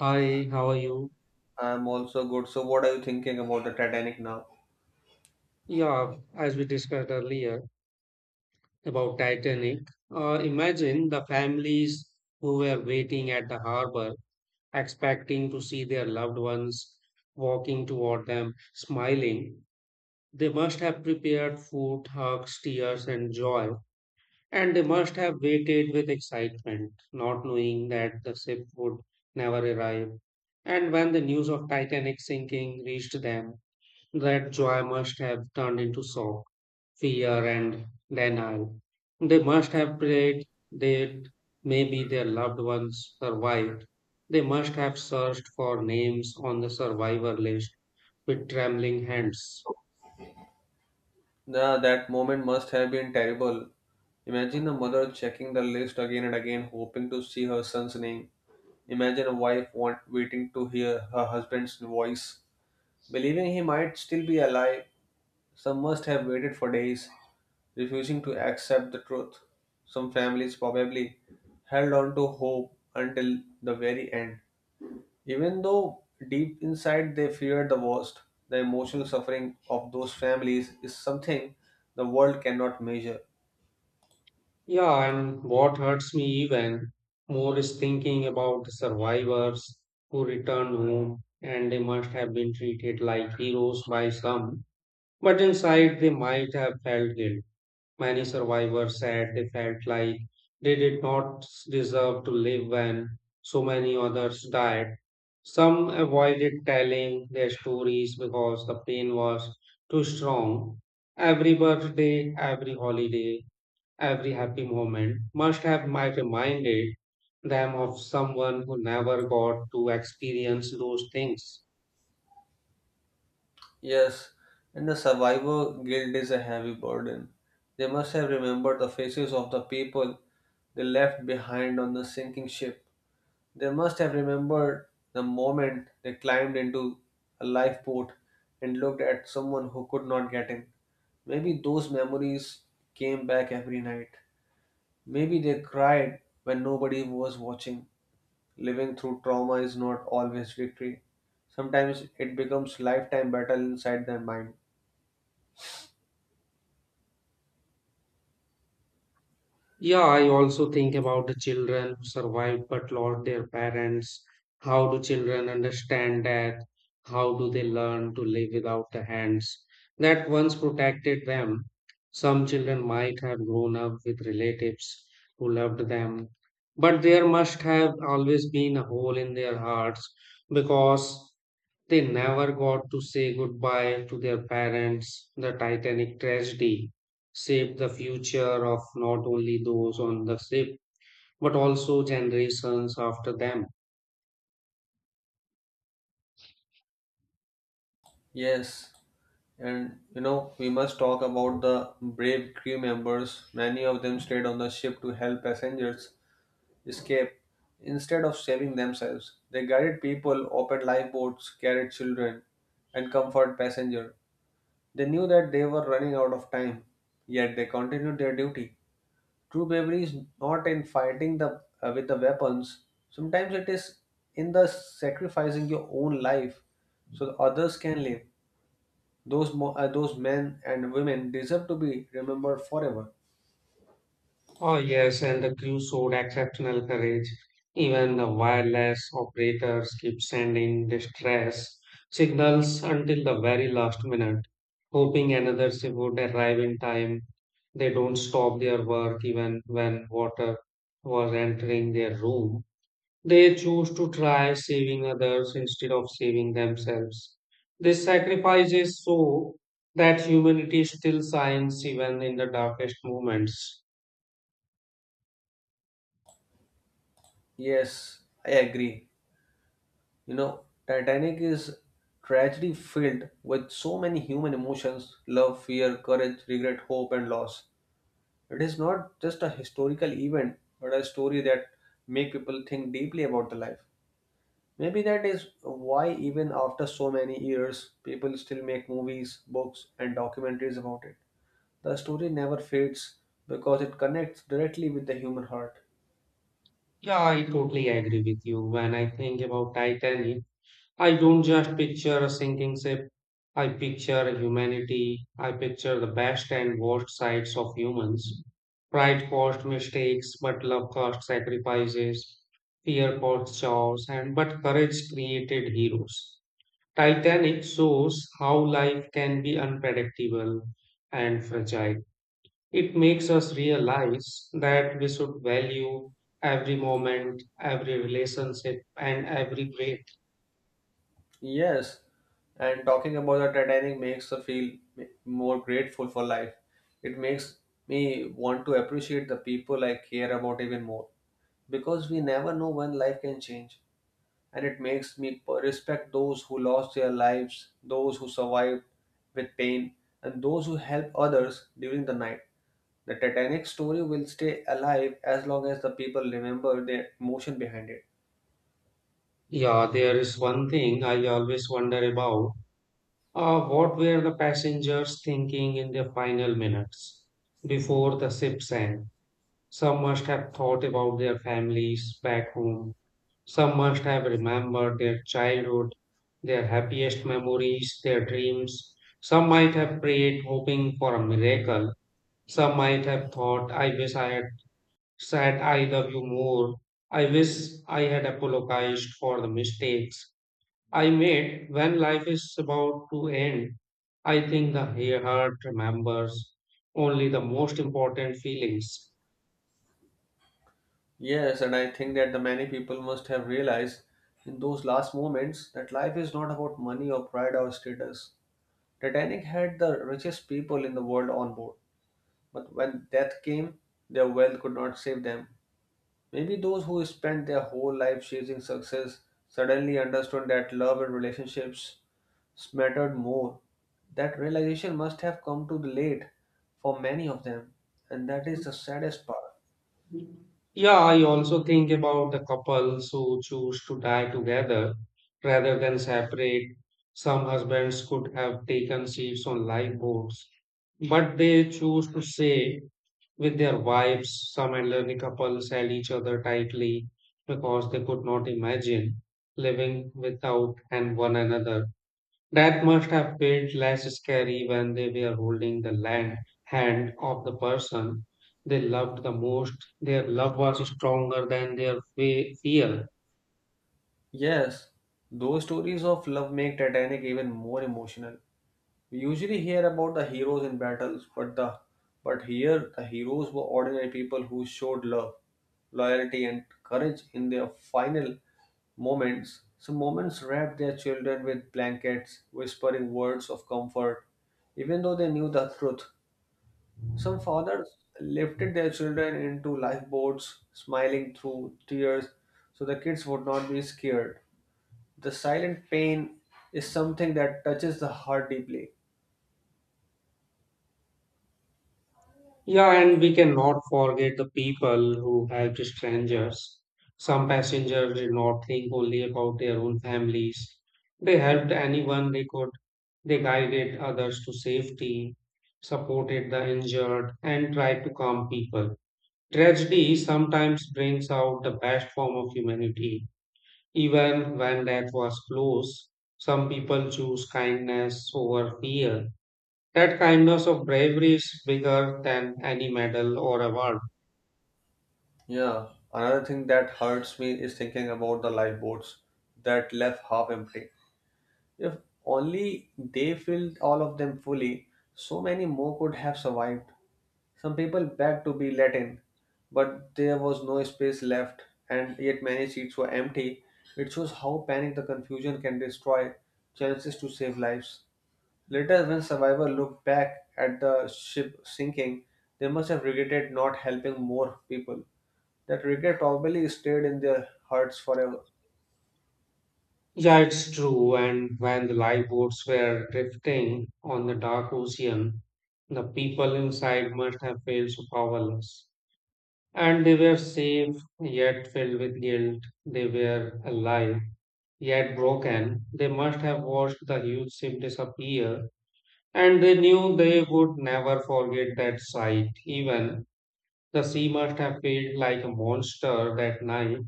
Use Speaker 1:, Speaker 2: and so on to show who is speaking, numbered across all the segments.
Speaker 1: Hi, how are you?
Speaker 2: I'm also good. So, what are you thinking about the Titanic now?
Speaker 1: Yeah, as we discussed earlier about Titanic, imagine the families who were waiting at the harbor, expecting to see their loved ones walking toward them, smiling. They must have prepared food, hugs, tears, and joy, and they must have waited with excitement, not knowing that the ship would never arrive. And when the news of Titanic sinking reached them, that joy must have turned into sorrow, fear, and denial. They must have prayed that maybe their loved ones survived. They must have searched for names on the survivor list with trembling hands.
Speaker 2: That moment must have been terrible. Imagine a mother checking the list again and again, hoping to see her son's name. Imagine a waiting to hear her husband's voice, believing he might still be alive. Some must have waited for days, refusing to accept the truth. Some families probably held on to hope until the very end. Even though deep inside they fear the worst, the emotional suffering of those families is something the world cannot measure.
Speaker 1: Yeah, and what hurts me even more is thinking about the survivors who returned home, and they must have been treated like heroes by some, but inside they might have felt guilt. Many survivors said they felt like they did not deserve to live when so many others died. Some avoided telling their stories because the pain was too strong. Every birthday, every holiday, every happy moment must have might reminded them of someone who never got to experience those things.
Speaker 2: Yes, and the survivor guilt is a heavy burden. They must have remembered the faces of the people they left behind on the sinking ship. They must have remembered the moment they climbed into a lifeboat and looked at someone who could not get in. Maybe those memories came back every night. Maybe they cried when nobody was watching. Living through trauma is not always victory. Sometimes it becomes lifetime battle inside their mind.
Speaker 1: Yeah, I also think about the children who survived but lost their parents. How do children understand death? How do they learn to live without the hands that once protected them? Some children might have grown up with relatives who loved them, but there must have always been a hole in their hearts because they never got to say goodbye to their parents. The Titanic tragedy shaped the future of not only those on the ship, but also generations after them.
Speaker 2: Yes, and you know, we must talk about the brave crew members. Many of them stayed on the ship to help passengers escape. Instead of saving themselves, they guided people, opened lifeboats, carried children, and comforted passengers. They knew that they were running out of time, yet they continued their duty. True bravery is not in fighting the with the weapons. Sometimes it is in the sacrificing your own life so that others can live. Those men and women deserve to be remembered forever.
Speaker 1: Oh, yes, and the crew showed exceptional courage. Even the wireless operators kept sending distress signals until the very last minute, hoping another ship would arrive in time. They don't stop their work even when water was entering their room. They choose to try saving others instead of saving themselves. This sacrifice is so that humanity still shines even in the darkest moments.
Speaker 2: Yes, I agree. You know, Titanic is tragedy filled with so many human emotions love, fear, courage, regret, hope, and loss. It is not just a historical event, but a story that make people think deeply about the life. Maybe that is why, even after so many years, people still make movies, books, and documentaries about it. The story never fades because it connects directly with the human heart.
Speaker 1: Yeah, I totally agree with you. When I think about Titanic, I don't just picture a sinking ship. I picture humanity. I picture the best and worst sides of humans. Pride caused mistakes, but love caused sacrifices. Fear caused chaos, and but courage created heroes. Titanic shows how life can be unpredictable and fragile. It makes us realize that we should value every moment, every relationship, and every breath.
Speaker 2: Yes, and talking about the Titanic makes us feel more grateful for life. It makes me want to appreciate the people I care about even more because we never know when life can change. And it makes me respect those who lost their lives, those who survived with pain, and those who help others during the night. The Titanic story will stay alive as long as the people remember the emotion behind it.
Speaker 1: Yeah, there is one thing I always wonder about. What were the passengers thinking in their final minutes before the ship sank? Some must have thought about their families back home. Some must have remembered their childhood, their happiest memories, their dreams. Some might have prayed, hoping for a miracle. Some might have thought, I wish I had said I love you more. I wish I had apologized for the mistakes I made when life is about to end. I think the heart remembers only the most important feelings.
Speaker 2: Yes, and I think that the many people must have realized in those last moments that life is not about money or pride or status. Titanic had the richest people in the world on board, but when death came, their wealth could not save them. Maybe those who spent their whole life chasing success suddenly understood that love and relationships mattered more. That realization must have come too late for many of them, and that is the saddest part.
Speaker 1: Yeah, I also think about the couples who choose to die together rather than separate. Some husbands could have taken ships on lifeboats, but they choose to stay with their wives. Some elderly couples held each other tightly because they could not imagine living without and one another. That must have felt less scary when they were holding the land hand of the person they loved the most. Their love was stronger than their fear.
Speaker 2: Yes, those stories of love make Titanic even more emotional. We usually hear about the heroes in battles, but the but here the heroes were ordinary people who showed love, loyalty, and courage in their final moments. Some moments wrapped their children with blankets, whispering words of comfort, even though they knew the truth. Some fathers lifted their children into lifeboats, smiling through tears, so the kids would not be scared. The silent pain is something that touches the heart deeply.
Speaker 1: Yeah, and we cannot forget the people who helped strangers. Some passengers did not think only about their own families. They helped anyone they could. They guided others to safety, supported the injured, and tried to calm people. Tragedy sometimes brings out the best form of humanity, even when death was close. Some people choose kindness over fear. That kindness of bravery is bigger than any medal or award.
Speaker 2: Yeah, another thing that hurts me is thinking about the lifeboats that left half empty. If only they filled all of them fully, so many more could have survived. Some people begged to be let in, but there was no space left, and yet many seats were empty. It shows how panic the confusion can destroy chances to save lives. Later, when survivors look back at the ship sinking, they must have regretted not helping more people. That regret probably stayed in their hearts forever.
Speaker 1: Yeah, it's true. And when the lifeboats were drifting on the dark ocean, the people inside must have felt so powerless. And they were safe, yet filled with guilt. They were alive yet broken. They must have watched the huge ship disappear, and they knew they would never forget that sight. Even the sea must have felt like a monster that night,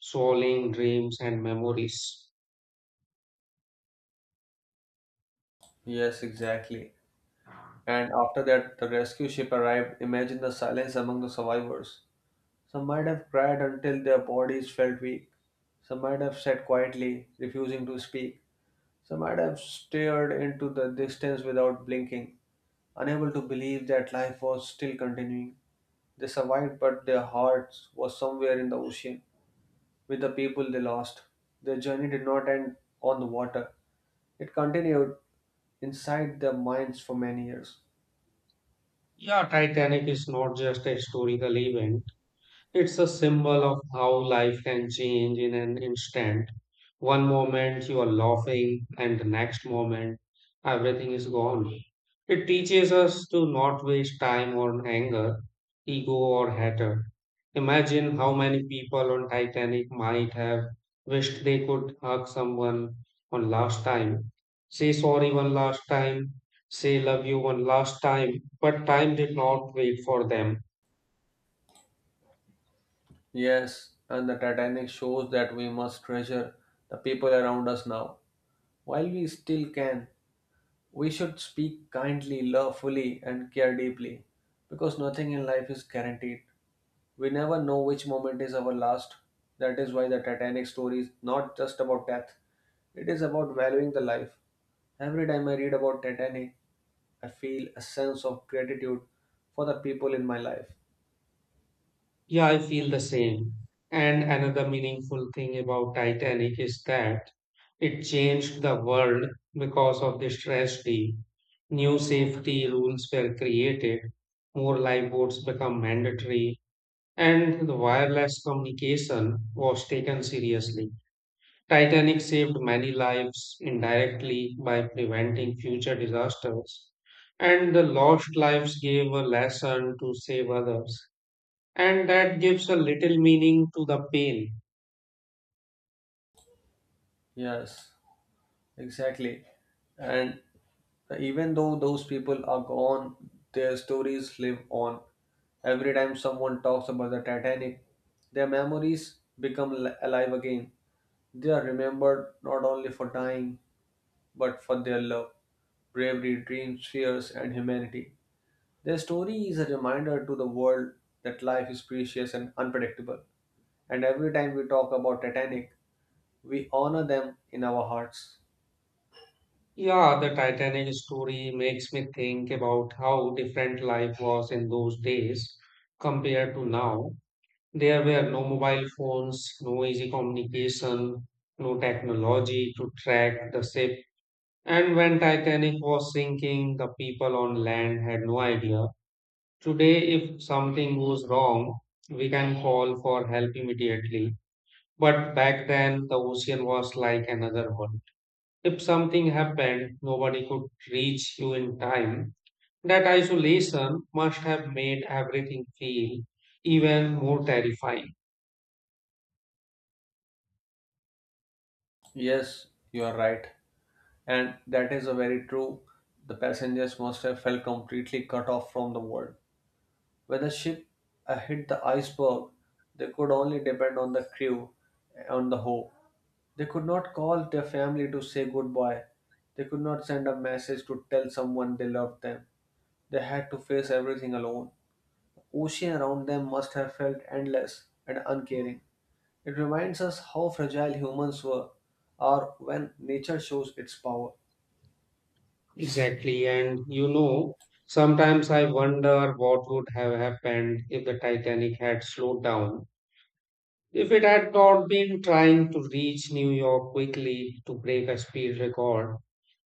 Speaker 1: swallowing dreams and memories.
Speaker 2: Yes, exactly. And after that, the rescue ship arrived. Imagine the silence among the survivors. Some might have cried until their bodies felt weak. Some might have sat quietly, refusing to speak. Some might have stared into the distance without blinking, unable to believe that life was still continuing. They survived, but their hearts was somewhere in the ocean with the people they lost. Their journey did not end on the water. It continued inside their minds for many years.
Speaker 1: Yeah, Titanic is not just a historical event. It's a symbol of how life can change in an instant. One moment you are laughing, and the next moment everything is gone. It teaches us to not waste time on anger, ego, or hatred. Imagine how many people on Titanic might have wished they could hug someone one last time, say sorry one last time, say love you one last time, but time did not wait for them.
Speaker 2: Yes, and the Titanic shows that we must treasure the people around us now. While we still can, we should speak kindly, love fully, and care deeply because nothing in life is guaranteed. We never know which moment is our last. That is why the Titanic story is not just about death, it is about valuing the life. Every time I read about Titanic, I feel a sense of gratitude for the people in my life.
Speaker 1: Yeah, I feel the same. And another meaningful thing about Titanic is that it changed the world because of this tragedy. New safety rules were created, more lifeboats become mandatory, and the wireless communication was taken seriously. Titanic saved many lives indirectly by preventing future disasters, and the lost lives gave a lesson to save others. And that gives a little meaning to the pain.
Speaker 2: Yes, exactly. And even though those people are gone, their stories live on. Every time someone talks about the Titanic, their memories become alive again. They are remembered not only for dying, but for their love. Bravery, dreams, fears, and humanity. Their story is a reminder to the world that life is precious and unpredictable. And every time we talk about Titanic, we honor them in our hearts.
Speaker 1: Yeah, the Titanic story makes me think about how different life was in those days compared to now. There were no mobile phones, no easy communication, no technology to track the ship. And when Titanic was sinking, the people on land had no idea. Today, if something goes wrong, we can call for help immediately. But back then, the ocean was like another world. If something happened, nobody could reach you in time. That isolation must have made everything feel even more terrifying.
Speaker 2: Yes, you are right. And that is a very true. The passengers must have felt completely cut off from the world. When the ship hit the iceberg, they could only depend on the crew, on the hope. They could not call their family to say goodbye. They could not send a message to tell someone they loved them. They had to face everything alone. The ocean around them must have felt endless and uncaring. It reminds us how fragile humans were or when nature shows its power.
Speaker 1: Exactly. And you know, sometimes I wonder what would have happened if the Titanic had slowed down. If it had not been trying to reach New York quickly to break a speed record,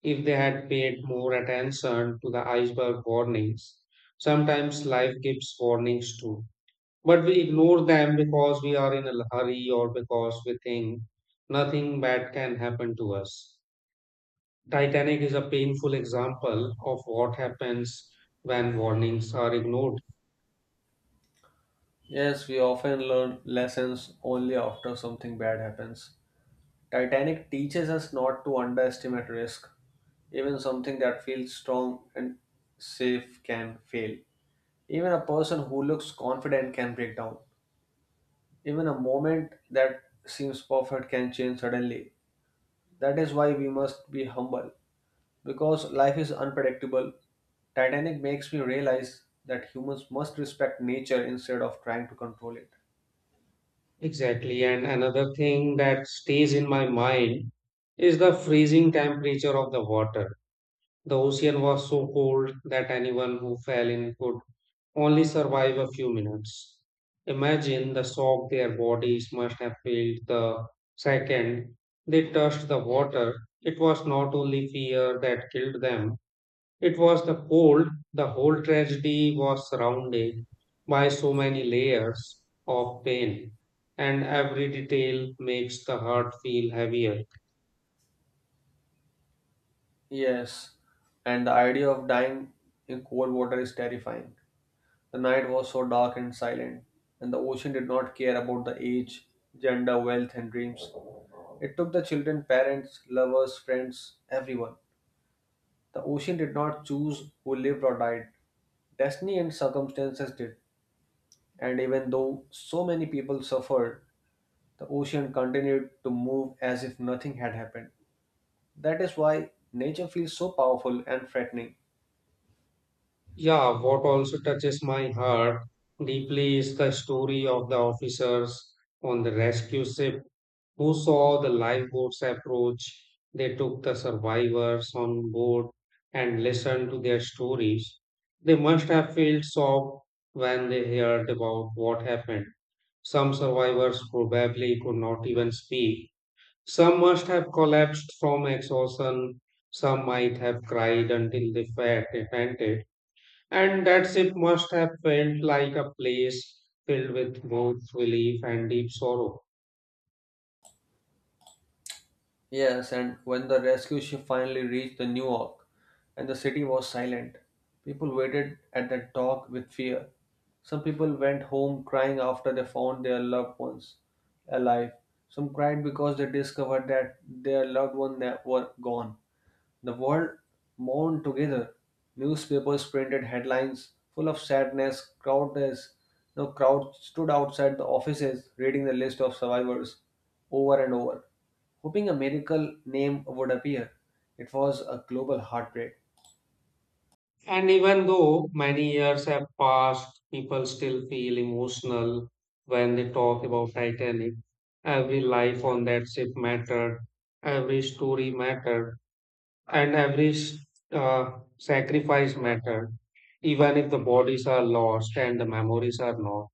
Speaker 1: if they had paid more attention to the iceberg warnings, sometimes life gives warnings too. But we ignore them because we are in a hurry or because we think nothing bad can happen to us. Titanic is a painful example of what happens when warnings are ignored.
Speaker 2: Yes, we often learn lessons only after something bad happens. Titanic teaches us not to underestimate risk. Even something that feels strong and safe can fail. Even a person who looks confident can break down. Even a moment that seems perfect can change suddenly. That is why we must be humble because life is unpredictable. Titanic makes me realize that humans must respect nature instead of trying to control it.
Speaker 1: Exactly. And another thing that stays in my mind is the freezing temperature of the water. The ocean was so cold that anyone who fell in could only survive a few minutes. Imagine the shock their bodies must have felt the second they touched the water. It was not only fear that killed them, it was the cold. The whole tragedy was surrounded by so many layers of pain, and every detail makes the heart feel heavier.
Speaker 2: Yes, and the idea of dying in cold water is terrifying. The night was so dark and silent, and the ocean did not care about the age, gender, wealth, and dreams. It took the children, parents, lovers, friends, everyone. The ocean did not choose who lived or died. Destiny and circumstances did. And even though so many people suffered, the ocean continued to move as if nothing had happened. That is why nature feels so powerful and threatening.
Speaker 1: Yeah, what also touches my heart deeply is the story of the officers on the rescue ship who saw the lifeboats approach. They took the survivors on board and listened to their stories. They must have felt shocked when they heard about what happened. Some survivors probably could not even speak. Some must have collapsed from exhaustion. Some might have cried until they felt repented. And that ship must have felt like a place filled with both relief and deep sorrow.
Speaker 2: Yes, and when the rescue ship finally reached the New York and the city was silent, people waited at the dock with fear. Some people went home crying after they found their loved ones alive. Some cried because they discovered that their loved ones were gone. The world mourned together. Newspapers printed headlines full of sadness. No crowd stood outside the offices reading the list of survivors over and over, hoping a miracle name would appear. It was a global heartbreak.
Speaker 1: And even though many years have passed, people still feel emotional when they talk about Titanic. Every life on that ship mattered, every story mattered, and every sacrifice mattered. Even if the bodies are lost and the memories are not.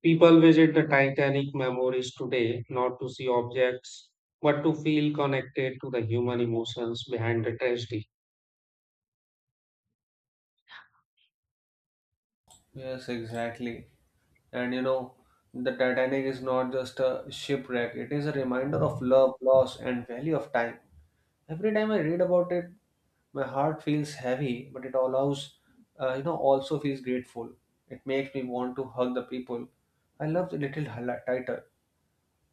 Speaker 1: People visit the Titanic memories today not to see objects, but to feel connected to the human emotions behind the tragedy.
Speaker 2: Yes, exactly. And you know, the Titanic is not just a shipwreck, it is a reminder of love, loss, and value of time. Every time I read about it, my heart feels heavy, but it allows, you know, also feels grateful. It makes me want to hug the people I love tighter.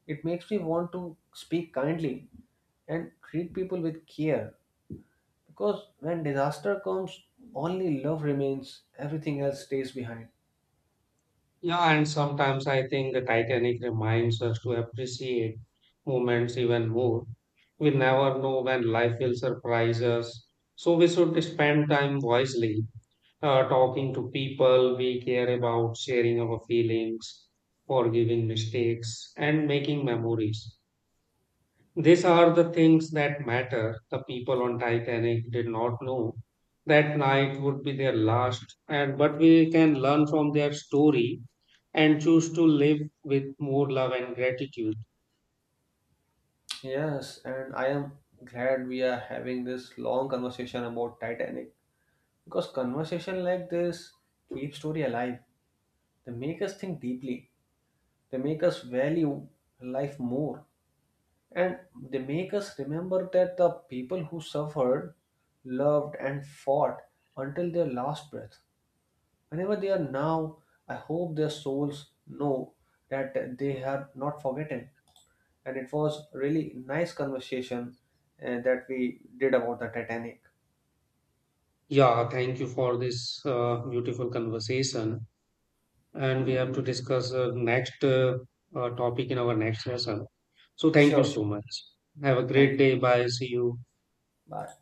Speaker 2: It makes me want to speak kindly and treat people with care, because when disaster comes, only love remains, everything else stays behind.
Speaker 1: Yeah, and sometimes I think the Titanic reminds us to appreciate moments even more. We never know when life will surprise us. So we should spend time wisely, talking to people we care about, sharing our feelings, forgiving mistakes, and making memories. These are the things that matter. The people on Titanic did not know that night would be their last, and but we can learn from their story and choose to live with more love and gratitude.
Speaker 2: Yes, and I am glad we are having this long conversation about Titanic, because conversation like this keeps story alive. They make us think deeply. They make us value life more. And they make us remember that the people who suffered, loved, and fought until their last breath. Whenever they are now, I hope their souls know that they are not forgotten. And it was really nice conversation that we did about the Titanic.
Speaker 1: Yeah, thank you for this beautiful conversation. And we have to discuss next topic in our next lesson. So thank you
Speaker 2: Sure. Sure.
Speaker 1: so much. Have a
Speaker 2: Thank
Speaker 1: great
Speaker 2: you.
Speaker 1: day. Bye. See you.
Speaker 2: Bye.